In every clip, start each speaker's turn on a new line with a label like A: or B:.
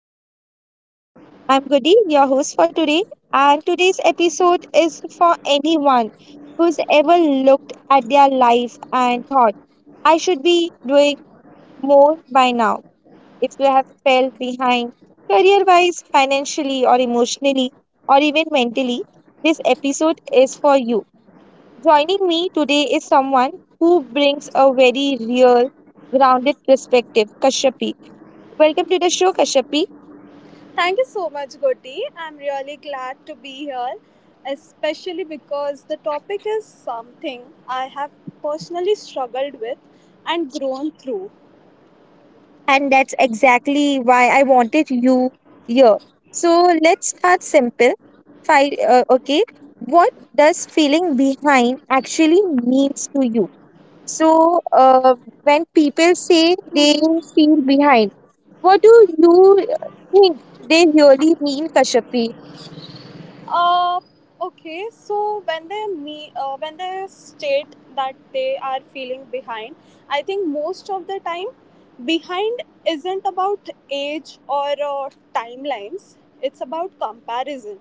A: feel behind. I'm Goody, your host for today, and today's episode is for anyone who's ever looked at their life and thought, I should be doing more by now. If you have felt behind career wise, financially, or emotionally, or even mentally, this episode is for you. Joining me today is someone who brings a very real, grounded perspective, Kashyapi. Welcome to the show, Kashyapi.
B: Thank you so much, Goti. I'm really glad to be here, especially because the topic is something I have personally struggled with and grown through.
A: And that's exactly why I wanted you here. So let's start simple. Okay, what does feeling behind actually means to you? So, when people say they feel behind, what do you think they really mean, Kashyapi?
B: Uh, okay, so when they me when they state that they are feeling behind, I think most of the time, behind isn't about age or timelines. It's about comparison.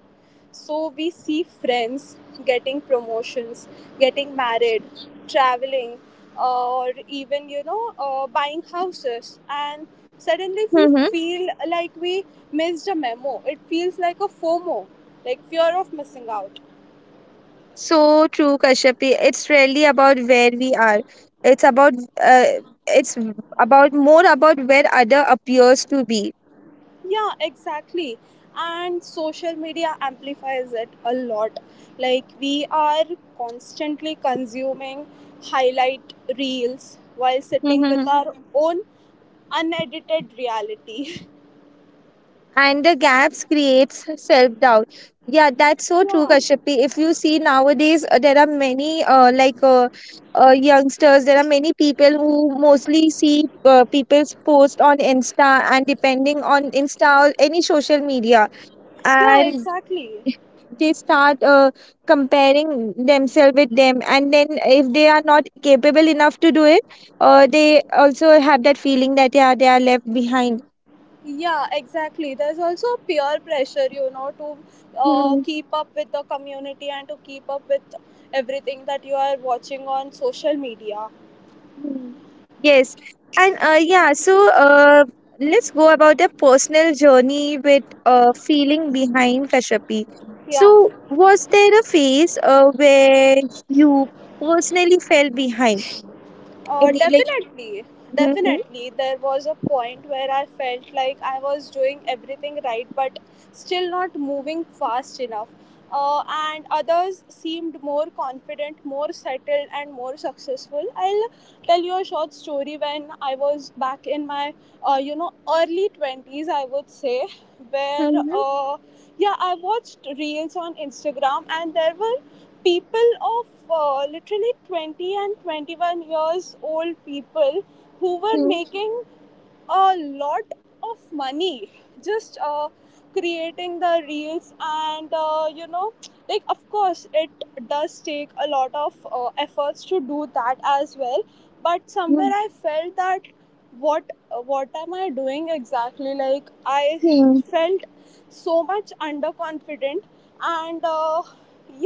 B: So we see friends getting promotions, getting married, traveling, or even buying houses, and suddenly we feel like we missed a memo. It feels like a FOMO like fear of missing out.
A: So true, Kashyapi. It's really about where we are. It's about uh, it's about more about where other appears to be.
B: Yeah, exactly. And social media amplifies it a lot. Like, we are constantly consuming highlight reels while sitting with
A: Mhm.
B: our own unedited reality.
A: And the gaps creates self doubt. Yeah, that's so true,
B: yeah,
A: Kashyapi. If you see nowadays, there are many youngsters. There are many people who mostly see people's post on Insta and depending on Insta or any social media,
B: yeah,
A: and
B: exactly.
A: they start comparing themselves with them, and then if they are not capable enough to do it they also have that feeling that yeah they are left behind.
B: Yeah, exactly. There's also peer pressure, you know, to
A: Hmm,
B: keep up with the community and to keep up with everything that you are watching on social media.
A: hmm. Yes, and yeah, so let's go about the personal journey with feeling behind, Kashapi. So
B: Yeah.
A: was there a phase where you personally fell behind
B: Uh,
A: any
B: definitely,
A: like
B: definitely. There was a point where I felt like I was doing everything right, but still not moving fast enough. And others seemed more confident, more settled, and more successful. I'll tell you a short story. When I was back in my, early 20s, I would say, where,
A: 嗯
B: uh, yeah, I watched reels on Instagram, and there were people of literally 20 and 21 years old people who were
A: 嗯
B: making a lot of money just creating the reels, and you know, like of course it does take a lot of efforts to do that as well, but somewhere
A: 嗯
B: I felt that, what what am I doing exactly? Like, I
A: 嗯
B: felt so much underconfident, and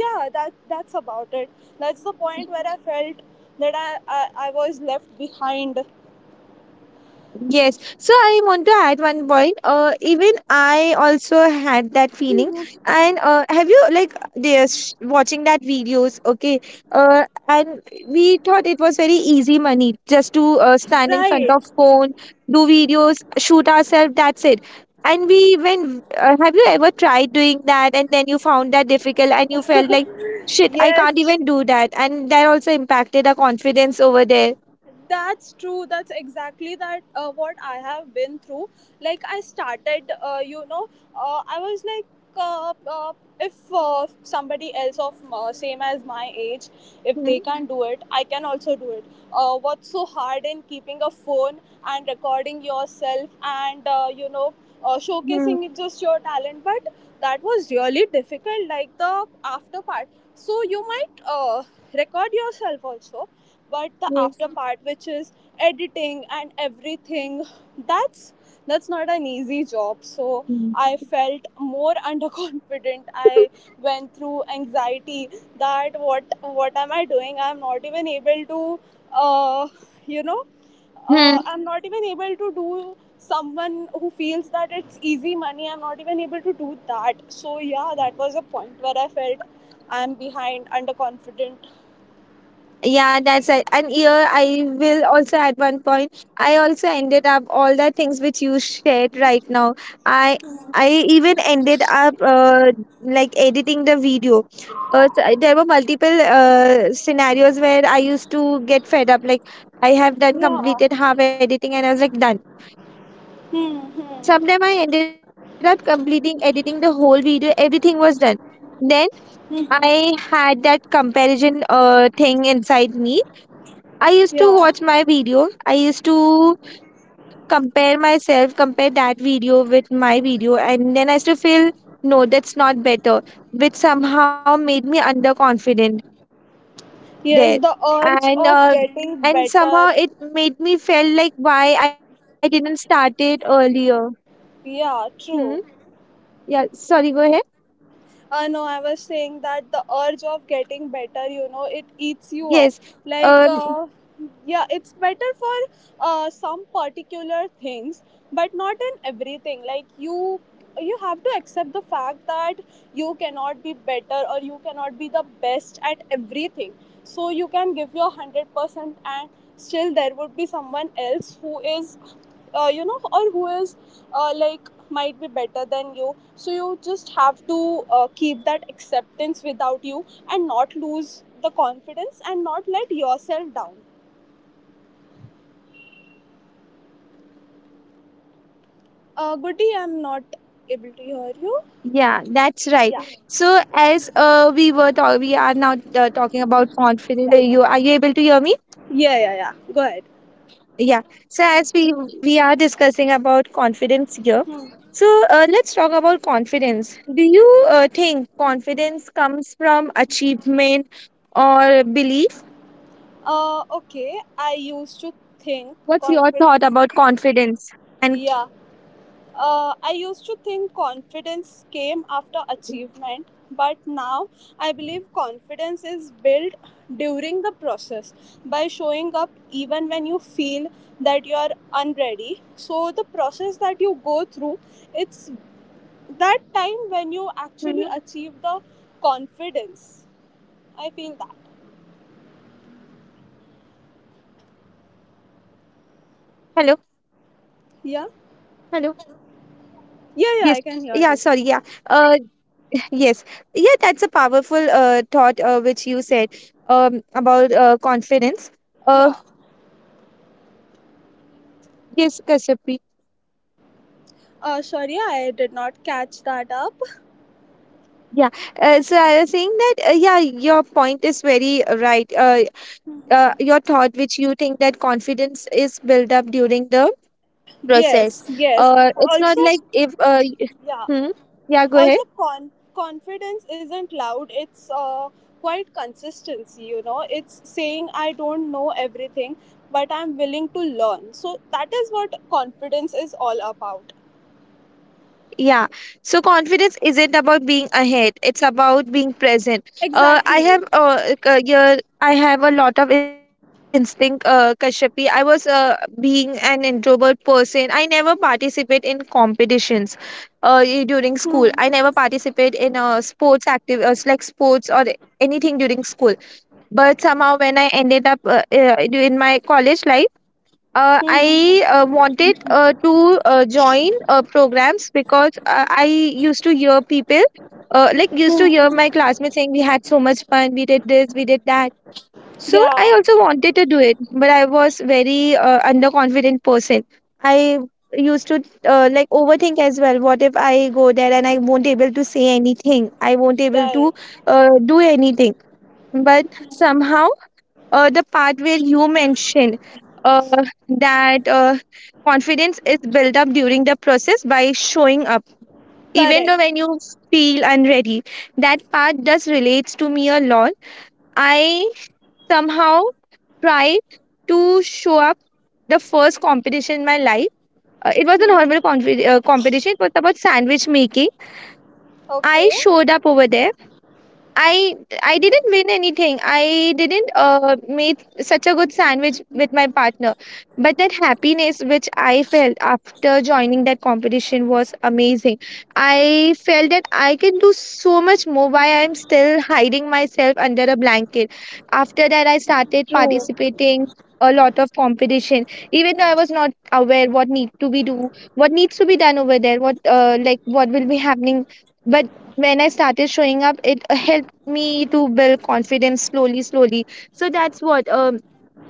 B: yeah, that's about it. That's the point where I felt that I was left behind.
A: Yes. So I want to add one point. Even I also had that feeling.
B: Mhm.
A: And have you like they watching that videos? Okay. And we thought it was very easy money just to stand in
B: Right.
A: front of phone, do videos, shoot ourselves. That's it. And we went. Have you ever tried doing that? And then you found that difficult, and you felt like shit. I
B: Yes,
A: can't even do that. And that also impacted our confidence over there.
B: that's true. That's exactly that what I have been through. Like I started, I was like, uh, uh, if somebody else of same as my age, if they can do it, I can also do it. What's so hard in keeping a phone and recording yourself and
A: Mm-hmm.
B: showcasing it, just your talent? But that was really difficult. Like the after part. So you might record yourself also, but the
A: Yes.
B: after part, which is editing and everything, that's that's not an easy job. So
A: Hmm.
B: I felt more underconfident. I went through anxiety that what am I doing? I'm not even able to uh, you know
A: Hmm.
B: I'm not even able to do someone who feels that it's easy money. I'm not even able to do that. So yeah, that was a point where I felt I'm behind, underconfident.
A: Yeah, that's it. And here I will also at one point, I also ended up all the things which you shared right now. I I even ended up editing the video. There were multiple scenarios where I used to get fed up. Like I have done
B: Yeah.
A: completed half editing, and I was like done.
B: hmm
A: Sometime
B: hmm.
A: I ended up completing editing the whole video. Everything was done. Then I had that comparison thing inside me. I used
B: Yeah.
A: to watch my video. I used to compare myself, compare that video with my video, and then I used to feel no, that's not better, which somehow made me underconfident there,
B: Yes,
A: and
B: the
A: uh,
B: urge of
A: and somehow
B: getting
A: it
B: better.
A: made me felt like why I didn't start it earlier. Hmm.
B: Yeah, true.
A: Yeah. Sorry. Go ahead.
B: No, I was saying that the urge of getting better, you know, it eats you up.
A: Yes.
B: Like,
A: Um.
B: yeah, it's better for some particular things, but not in everything. Like, you have to accept the fact that you cannot be better, or you cannot be the best at everything. So you can give your 100%, and still there would be someone else who is uh, you know or who is like might be better than you. So you just have to keep that acceptance without you, and not lose the confidence and not let yourself down. Uh, Goody, I'm not able to hear you.
A: Yeah. That's right.
B: yeah
A: So as we are now talking about confidence. Ye- Yes, I am able to hear you. Are you able to hear me?
B: yeah yeah yeah Go ahead.
A: Yeah. So as we are discussing about confidence here, so let's talk about confidence. Do you think confidence comes from achievement or belief?
B: Okay I used to think
A: What's your thought
B: confidence
A: about confidence? And.
B: Yeah. I used to think confidence came after achievement, but now I believe confidence is built during the process by showing up even when you feel that you are unready. So the process that you go through, it's that time
A: Mhm.
B: when you actually achieve the confidence. I feel that.
A: Hello,
B: Yeah.
A: hello.
B: Yeah,
A: Yes.
B: yeah, I can
A: Yeah.
B: hear you.
A: Sorry. Yeah. Uh. Yes. Yeah. That's a powerful thought, which you said about confidence.
B: Yeah.
A: Uh. Yes, Kashyap.
B: Sorry, I did not catch that up.
A: Yeah, so I was saying that, yeah, your point is very right. Your thought, which you think that confidence is built up during the process.
B: Yes, yes.
A: It's not
B: Also,
A: like if,
B: yeah.
A: hmm? Yeah, go ahead.
B: Confidence isn't loud, it's quite consistency, you know. It's saying, I don't know everything, but I'm willing to learn. So that is what confidence is all about.
A: Yeah. So confidence isn't about being ahead. It's about being present. I have
B: Exactly.
A: like, your I have a lot of instinct, Kashyapi. I was being an introvert person. I never participate in competitions during school. I
B: Hmm.
A: never participate in sports active, sports or anything during school. But somehow when I ended up in my college life,
B: Hmm, hmm,
A: I
B: hmm.
A: wanted to join programs because I used to hear people, used to hear my classmates saying we had so much fun, we did this, we did that. So
B: Yeah.
A: I also wanted to do it, but I was very underconfident person. I used to overthink as well. What if I go there and I won't able to say anything? I won't able to
B: Right.
A: do anything. But somehow the part where you mentioned uh, that confidence is built up during the process by showing up, even though
B: Correct.
A: when you feel unready. That part does relates to me a lot. I somehow tried to show up the first competition in my life. It was a normal competition. It was about sandwich making. I
B: Okay.
A: showed up over there. I I didn't win anything. I didn't make such a good sandwich with my partner. But that happiness which I felt after joining that competition was amazing. I felt that I can do so much more. Why I'm still hiding myself under a blanket. After that I started participating a lot of competition, even though I was not aware what needs to be done over there, what will be happening. But when I started showing up, it helped me to build confidence slowly, slowly. So that's what um,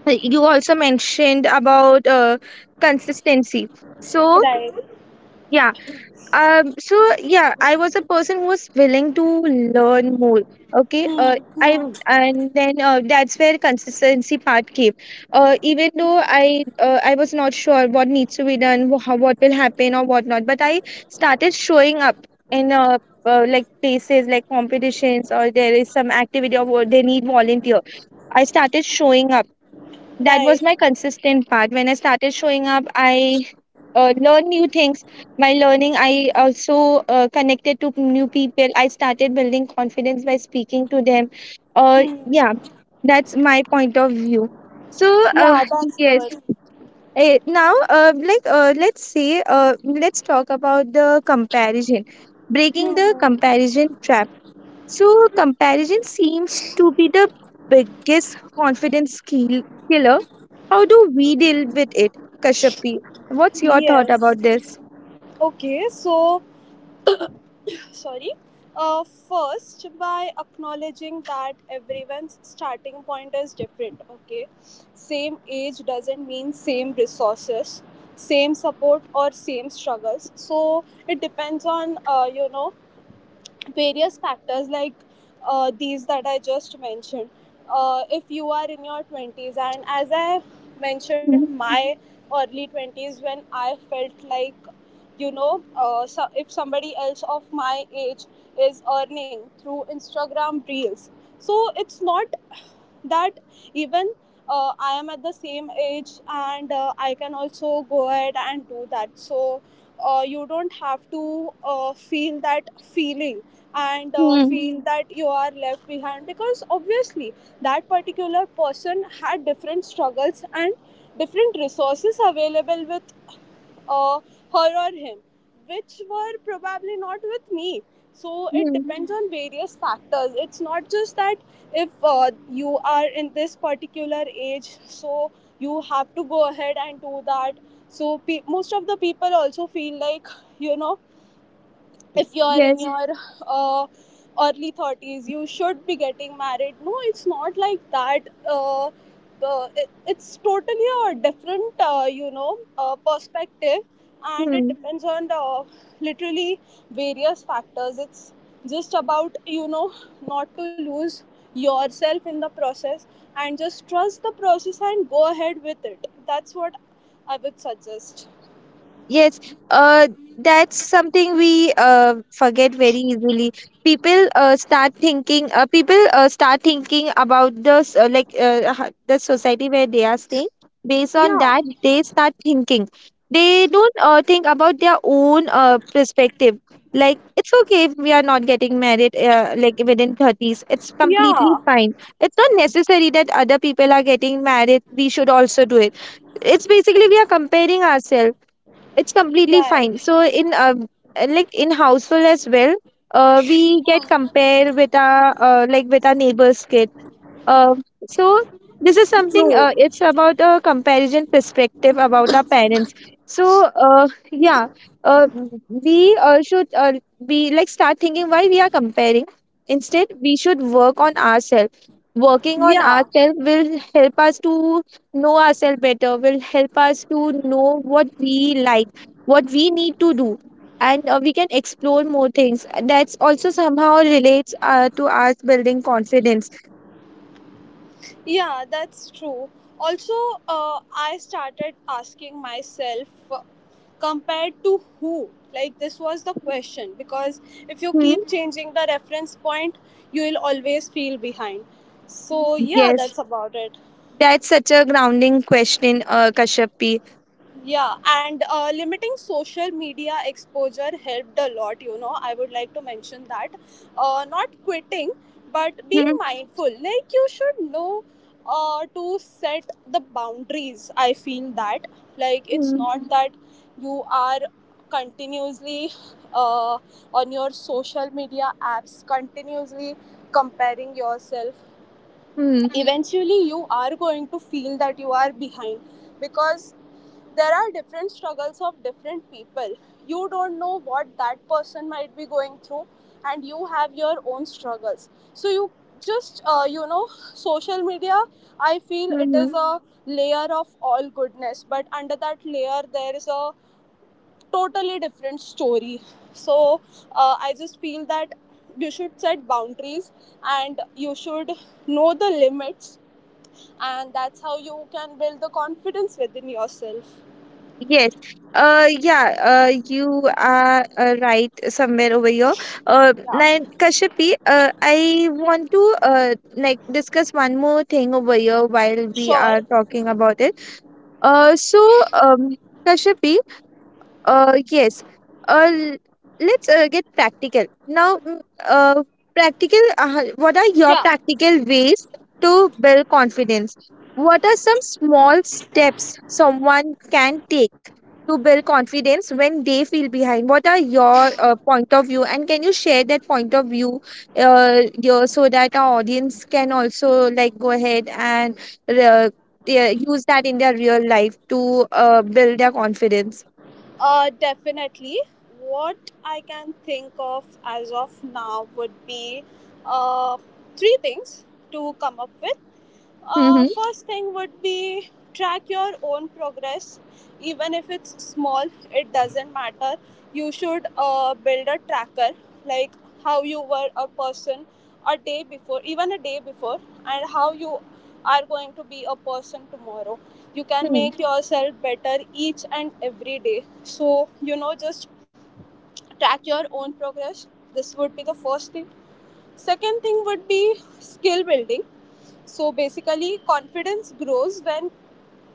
A: uh, you also mentioned about consistency. So,
B: Right.
A: yeah, so yeah I was a person who was willing to learn more. Okay,
B: Hmm.
A: I
B: Hmm.
A: and then that's where consistency part came. Even though I was not sure what needs to be done, how, what will happen or what not, but I started showing up in places like competitions, or there is some activity, or they need volunteer. I started showing up. That was
B: Right.
A: my consistent part. When I started showing up, I learned new things. By learning I also connected to new people. I started building confidence by speaking to them. Uh, yeah
B: Hmm.
A: that's my point of view. So uh,
B: Yeah, that's
A: yes.
B: good.
A: Now, let's talk about the comparison,
B: Hmm.
A: breaking the
B: Hmm.
A: comparison trap. So, comparison seems to be the biggest confidence killer. How do we deal with it, Kashyapi? What's your thought about
B: Yes.
A: this?
B: Okay, so sorry, first by acknowledging that everyone's starting point is different. Okay, same age doesn't mean same resources, same support, or same struggles. So it depends on various factors like these that I just mentioned. If you are in your 20s, and as I mentioned,
A: Hmm.
B: my early 20s when I felt like, so if somebody else of my age is earning through Instagram Reels, so it's not that, even I am at the same age, and I can also go ahead and do that. So you don't have to feel that feeling, and
A: Hmm.
B: feel that you are left behind, because obviously that particular person had different struggles and different resources available with uh, her or him, which were probably not with me. So it
A: Hmm.
B: depends on various factors. It's not just that if you are in this particular age, so you have to go ahead and do that. So most of the people also feel like, you know, if you're in
A: Yes.
B: your uh, early 30s, you should be getting married. No, it's not like that. It's totally a different perspective, and it
A: Hmm.
B: depends on the literally various factors. It's just about, you know, not to lose yourself in the process, and just trust the process and go ahead with it. That's what I would suggest.
A: Yes, uh, that's something we forget very easily. People start thinking. People start thinking about the the society where they are staying. Based on
B: Yeah.
A: that, they start thinking. They don't think about their own perspective. Like it's okay if we are not getting married. Within thirties, it's completely
B: Yeah.
A: fine. It's not necessary that other people are getting married. We should also do it. It's basically we are comparing ourselves. It's completely
B: Right.
A: fine, so in in household as well, we get compare with our like with our neighbors kid. um, so this is something,
B: True.
A: it's about a comparison perspective about our parents. So yeah, uh, we should be like start thinking why we are comparing. Instead we should work on ourselves. Working on
B: Yeah.
A: ourselves will help us to know ourselves better, will help us to know what we like, what we need to do, and we can explore more things. That's also somehow relates to us building confidence.
B: Yeah, that's true. Also, I started asking myself, compared to who? Like, this was the question, because if you
A: Hmm.
B: keep changing the reference point, you will always feel behind. So yeah,
A: Yes,
B: that's about it.
A: that's such a grounding question, Kashyapi.
B: Yeah, and limiting social media exposure helped a lot, you know. I would like to mention that. Not quitting, but being
A: Hmm.
B: mindful. Like, you should know to set the boundaries. I feel that. Like, it's
A: Hmm.
B: not that you are continuously uh, on your social media apps, continuously comparing yourself.
A: Hmm.
B: Eventually you are going to feel that you are behind, because there are different struggles of different people. You don't know what that person might be going through, and you have your own struggles. So you just, you know, social media, I feel it is
A: Hmm.
B: a layer of all goodness, but under that layer there is a totally different story. So I just feel that you should set boundaries, and you should know the limits, and that's how you can build the confidence within yourself.
A: Yes. Yeah, you are right somewhere over here. Now, Kashyapi, I want to uh discuss one more thing over here while we
B: Sure.
A: are talking about it. So um Kashyapi. Yes. Uh, l- let's get practical. Now, uh, what are your
B: Yeah,
A: practical ways to build confidence? What are some small steps someone can take to build confidence when they feel behind? What are your point of view? And can you share that point of view, so that our audience can also like go ahead and uh, yeah, use that in their real life to build their confidence?
B: definitely. What I can think of as of now would be uh, three things to come up with. First thing would be track your own progress. Even if it's small, it doesn't matter. You should build a tracker, like how you were a person a day before, even a day before, and how you are going to be a person tomorrow. You can
A: Hmm.
B: make yourself better each and every day. So, you know, just track your own progress. This would be the first thing. Second thing would be skill building. So basically, confidence grows when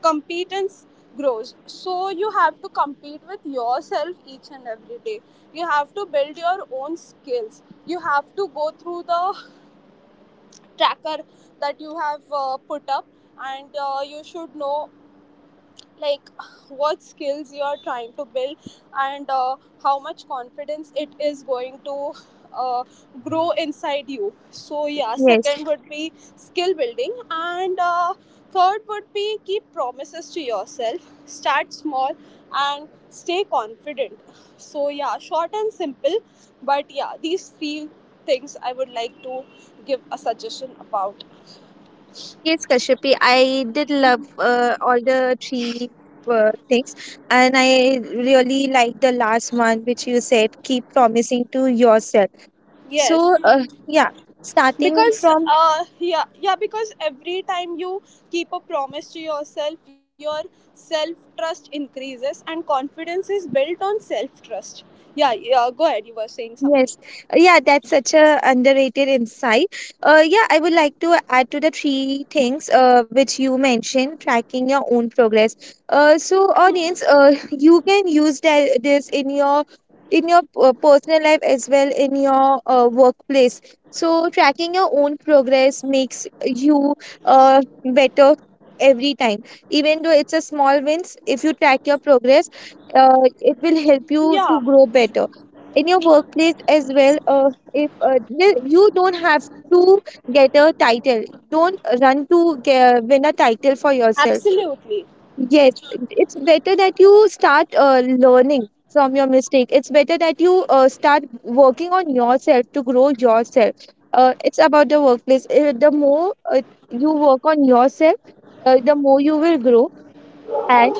B: competence grows. So you have to compete with yourself each and every day. You have to build your own skills. You have to go through the tracker that you have put up, and you should know like what skills you are trying to build, and how much confidence it is going to uh, grow inside you. So yeah,
A: Yes,
B: second would be skill building, and third would be keep promises to yourself, start small and stay confident. So yeah, short and simple, but yeah, these three things I would like to give a suggestion about.
A: yes, Kashyapi. I did love all the three things, and I really like the last one, which you said, keep promising to yourself.
B: Yes,
A: So, yeah, starting
B: because
A: from.
B: yeah, because every time you keep a promise to yourself, your self trust increases, and confidence is built on self trust. Yeah, yeah, go ahead, you were saying something.
A: Yes. Yeah, that's such a underrated insight. Yeah, I would like to add to the three things, which you mentioned, tracking your own progress. So audience, you can use this in your personal life as well in your workplace. So tracking your own progress makes you better every time. Even though it's a small wins, if you track your progress, uh, it will help you to
B: Yeah.
A: grow better in your workplace as well, if n- you don't have to get a title, don't run to get win a title for yourself.
B: Absolutely.
A: Yes, it's better that you start learning from your mistake. It's better that you start working on yourself to grow yourself. It's about the workplace. The more you work on yourself, the more you will grow, and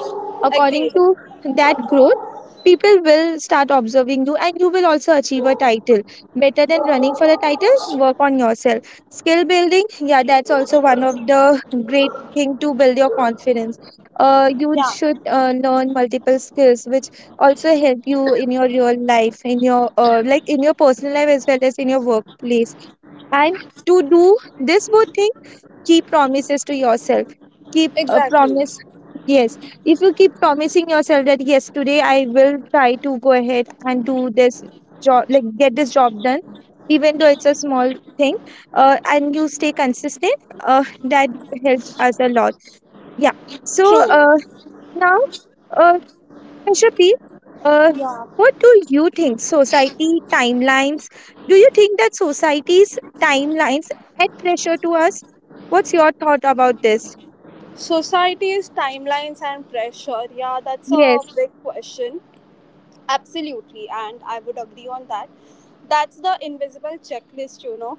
A: according
B: Agreed.
A: to that growth people will start observing you and you will also achieve a title. Better than running for a title, work on yourself, skill building. Yeah, that's also one of the great thing to build your confidence. You
B: Yeah.
A: should learn multiple skills which also help you in your real life, in your in your personal life as well as in your workplace. And to do this both thing, keep promises to yourself. Keep a
B: Exactly.
A: promise. Yes, if you keep promising yourself that yes, today I will try to go ahead and do this job, like get this job done, even though it's a small thing, and you stay consistent, that helps us a lot. Yeah. so
B: True.
A: uh, now, uh, Ashapti, uh,
B: Yeah.
A: what do you think? Society timelines? Do you think that society's timelines add pressure to us? What's your thought about this?
B: Society's timelines and pressure, yeah, that's a
A: Yes.
B: big question. Absolutely, and I would agree on that. That's the invisible checklist, you know.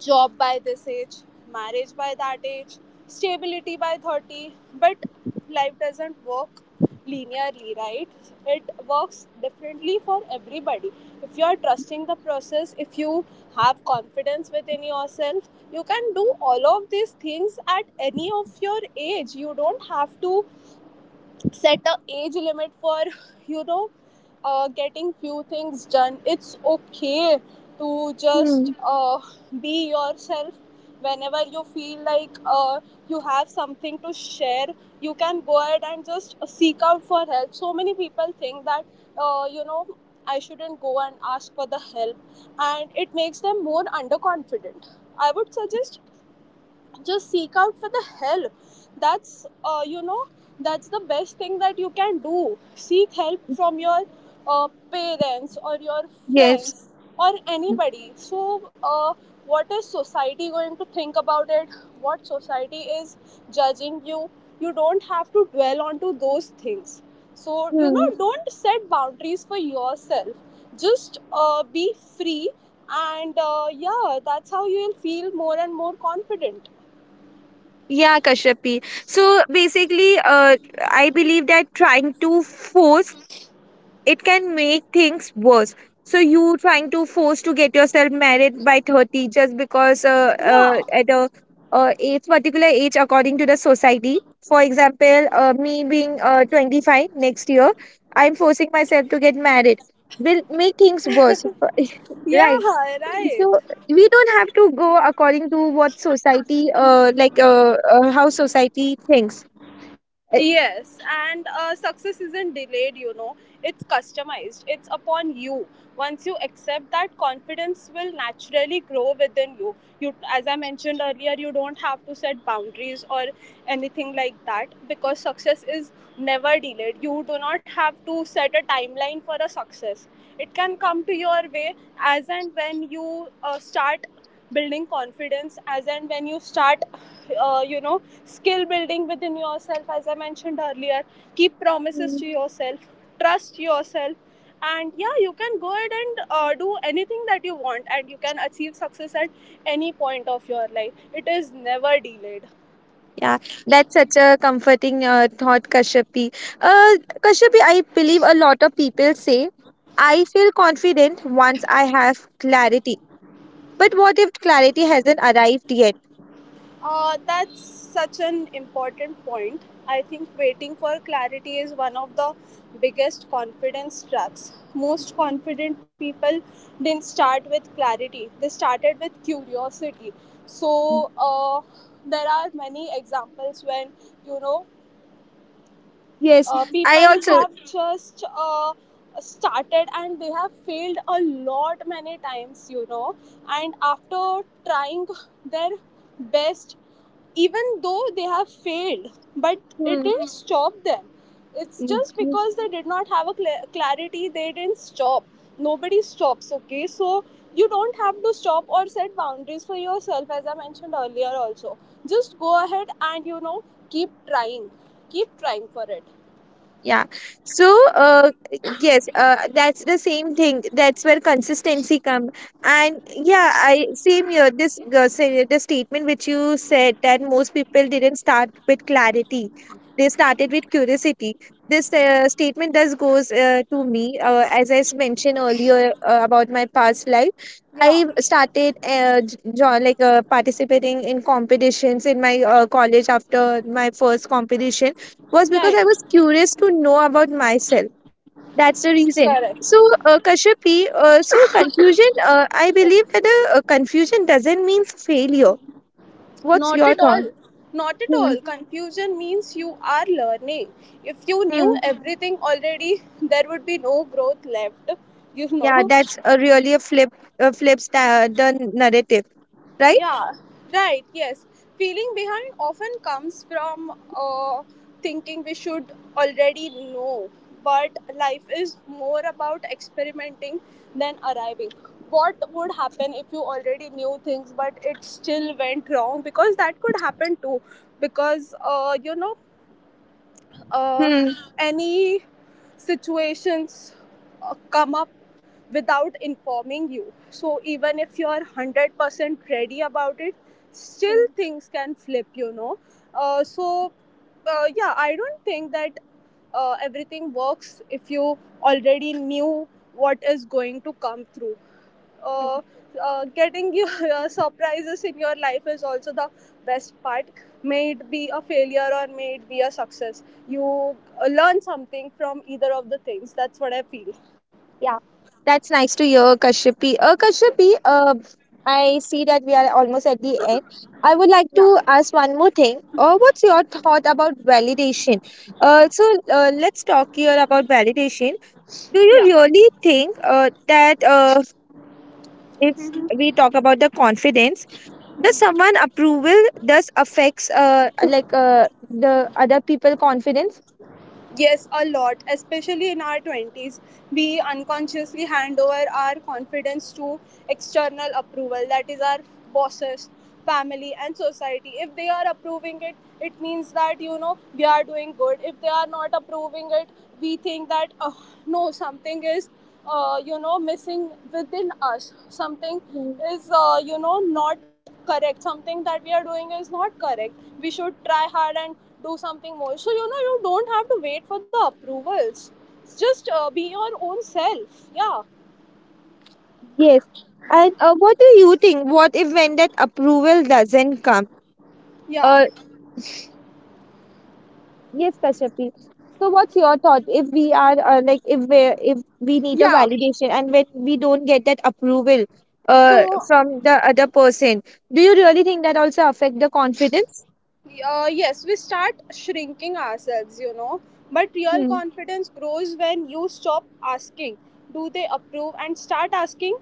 B: Job by this age, marriage by that age, stability by 30. But life doesn't work linearly, right? It works differently for everybody. If you are trusting the process, if you have confidence within yourself, you can do all of these things at any of your age. You don't have to age limit for you know getting few things done. It's okay to just
A: Hmm.
B: be yourself whenever you feel like you have something to share. You can go ahead and just seek out for help. So many people think that uh, you know I shouldn't go and ask for the help, and it makes them more underconfident. I would suggest just seek out for the help. That's uh, you know that's the best thing that you can do. Seek help from your parents or your
A: Yes.
B: friends or anybody. So what is society going to think about it, what society is judging you? You don't have to dwell onto those things. So you know,
A: Hmm.
B: don't set boundaries for yourself. Just be free, and yeah, that's how you will feel more and more confident.
A: Yeah, Kashyapi. So basically, I believe that trying to force it can make things worse. So you trying to force to get yourself married by 30 just because
B: Yeah,
A: at a age particular age according to the society, for example, me being 25 next year, I'm forcing myself to get married, will make things worse.
B: yeah,
A: right.
B: right.
A: So we don't have to go according to what society, how society thinks.
B: Yes, and success isn't delayed, you know, it's customized, it's upon you. Once you accept that, confidence will naturally grow within you. You, as I mentioned earlier, you don't have to set boundaries or anything like that, because success is never delayed. You do not have to set a timeline for a success, it can come to your way as and when you start building confidence, as and when you start skill building within yourself. As I mentioned earlier, keep promises
A: Uh,
B: to yourself, trust yourself, and yeah, you can go ahead and do anything that you want, and you can achieve success at any point of your life. It is never delayed.
A: Yeah, that's such a comforting thought, Kashyapi. Uh, Kashyapi, I believe a lot of people say, I feel confident once I have clarity. But what if clarity hasn't arrived yet?
B: That's such an important point. I think waiting for clarity is one of the biggest confidence traps. Most confident people didn't start with clarity, they started with curiosity. So, there are many examples when you know
A: Yes, I
B: people
A: also.
B: have just started and they have failed a lot many times, you know, and after trying their best, even though they have failed, but it didn't stop them. It's just
A: Hmm.
B: because they did not have a clarity, they didn't stop. Nobody stops, okay? So you don't have to stop or set boundaries for yourself, as I mentioned earlier also. Just go ahead and, you know, keep trying, keep trying for it.
A: Yeah. So, yes, that's the same thing. That's where consistency come. And yeah, I same here. This the statement which you said that most people didn't start with clarity. They started with curiosity. This statement does goes to me. As I mentioned earlier about my past life,
B: Yeah,
A: I started participating in competitions in my college. After my first competition was because I
B: right,
A: was curious to know about myself. That's the reason.
B: correct.
A: So, Kashyapi, so confusion, I believe that a confusion doesn't mean failure. What's
B: Not at
A: your
B: all.
A: thought?
B: Not at
A: Hmm.
B: all. Confusion means you are learning. If you
A: Hmm.
B: knew everything already, there would be no growth left, you
A: Yeah,
B: know.
A: that's a really a flip, flips the narrative, right?
B: Yeah, right, yes. Feeling behind often comes from thinking we should already know, but life is more about experimenting than arriving. What would happen if you already knew things but it still went wrong? Because that could happen too. Because, uh,
A: Hmm.
B: any situations come up without informing you. So even if you're 100% ready about it, still things can flip, you know. Uh, so, yeah, I don't think that everything works if you already knew what is going to come through. uh, Getting your surprises in your life is also the best part. May it be a failure or may it be a success, you learn something from either of the things. That's what I feel.
A: Yeah, that's nice to hear, Kashyapi. Kashyapi, I see that we are almost at the end. I would like to ask one more thing. What's your thought about validation? Uh, so let's talk here about validation. Do you
B: Yeah.
A: really think that if we talk about the confidence, does someone approval does affects the other people confidence?
B: Yes, a lot, especially in our 20s. We unconsciously hand over our confidence to external approval, that is, our bosses, family, and society. If they are approving it, it means that, you know, we are doing good. If they are not approving it, we think that, oh no, something is missing within us, something
A: Mm,
B: is not correct, something that we are doing is not correct, we should try hard and do something more. So you know, you don't have to wait for the approvals, just be your own self. Yeah,
A: yes. And what do you think? What if when that approval doesn't come?
B: yeah,
A: Uh, yes, Kashyapi. So, what's your thought if we are if we, if we need a
B: yeah,
A: validation, and when we don't get that approval
B: so.
A: from the other person, do you really think that also affect the confidence?
B: Yes, we start shrinking ourselves, you know. But real
A: Hmm.
B: confidence grows when you stop asking, do they approve, and start asking,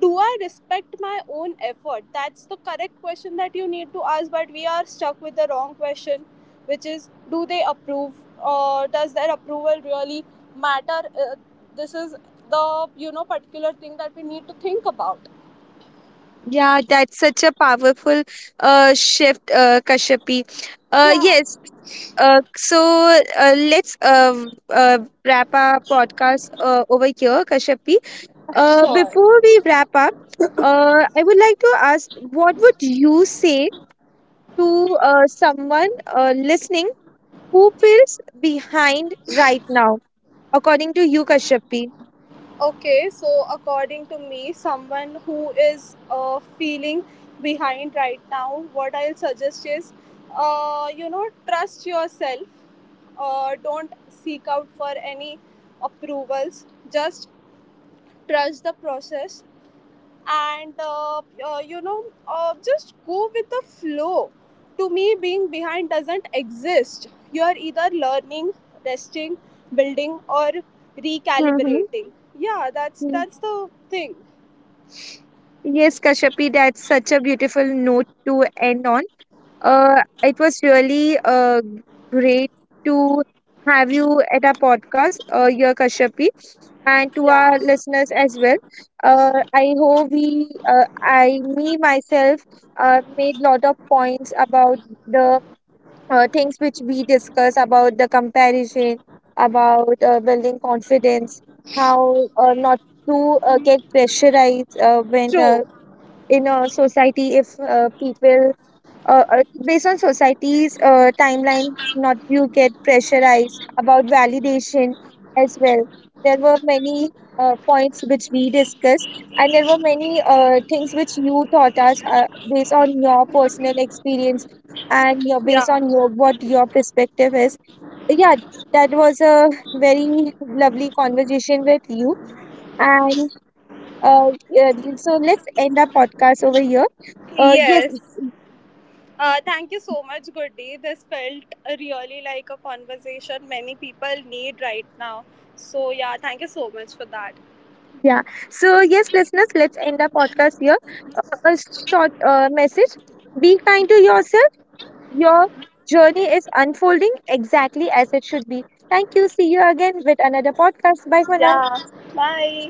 B: do I respect my own effort? That's the correct question that you need to ask, but we are stuck with the wrong question, which is, do they approve, or does their approval really matter? Uh, this is the, you know, particular thing that we need to think about.
A: Yeah, that's such a powerful shift, Kashyapi.
B: Yeah,
A: Yes. So, let's wrap our podcast over here, Kashyapi.
B: sure.
A: Before we wrap up, I would like to ask, what would you say to someone listening who feels behind right now, according to you, Kashyapi?
B: Okay, so according to me, someone who is feeling behind right now, what I'll suggest is, you know, trust yourself. Don't seek out for any approvals. Just trust the process and you know, just go with the flow. To me, being behind doesn't exist. You are either learning, resting, building, or
A: Mm-hmm.
B: recalibrating. Yeah, that's the thing.
A: Yes, Kashyapi, that's such a beautiful note to end on. It was really great to have you at our podcast, your Kashyapi, and to our listeners as well. I, me myself, made lot of points about the things which we discuss about the comparison, about building confidence, how not to get pressurized when
B: True.
A: in a society, if people, based on society's timeline, not, you get pressurized about validation as well. There were many points which we discussed, and there were many things which you taught us based on your personal experience and your based on your
B: Yeah,
A: what your perspective is. Yeah, that was a very lovely conversation with you, and yeah, so let's end our podcast over here. Yes.
B: yes, thank you so much. Good, this felt really like a conversation many people need right now. So yeah, thank you so much for that.
A: Yeah. So, yes, listeners, let's end our podcast here. A short message. Be kind to yourself. Your journey is unfolding exactly as it should be. Thank you. See you again with another podcast. Bye for now.
B: Yeah, bye.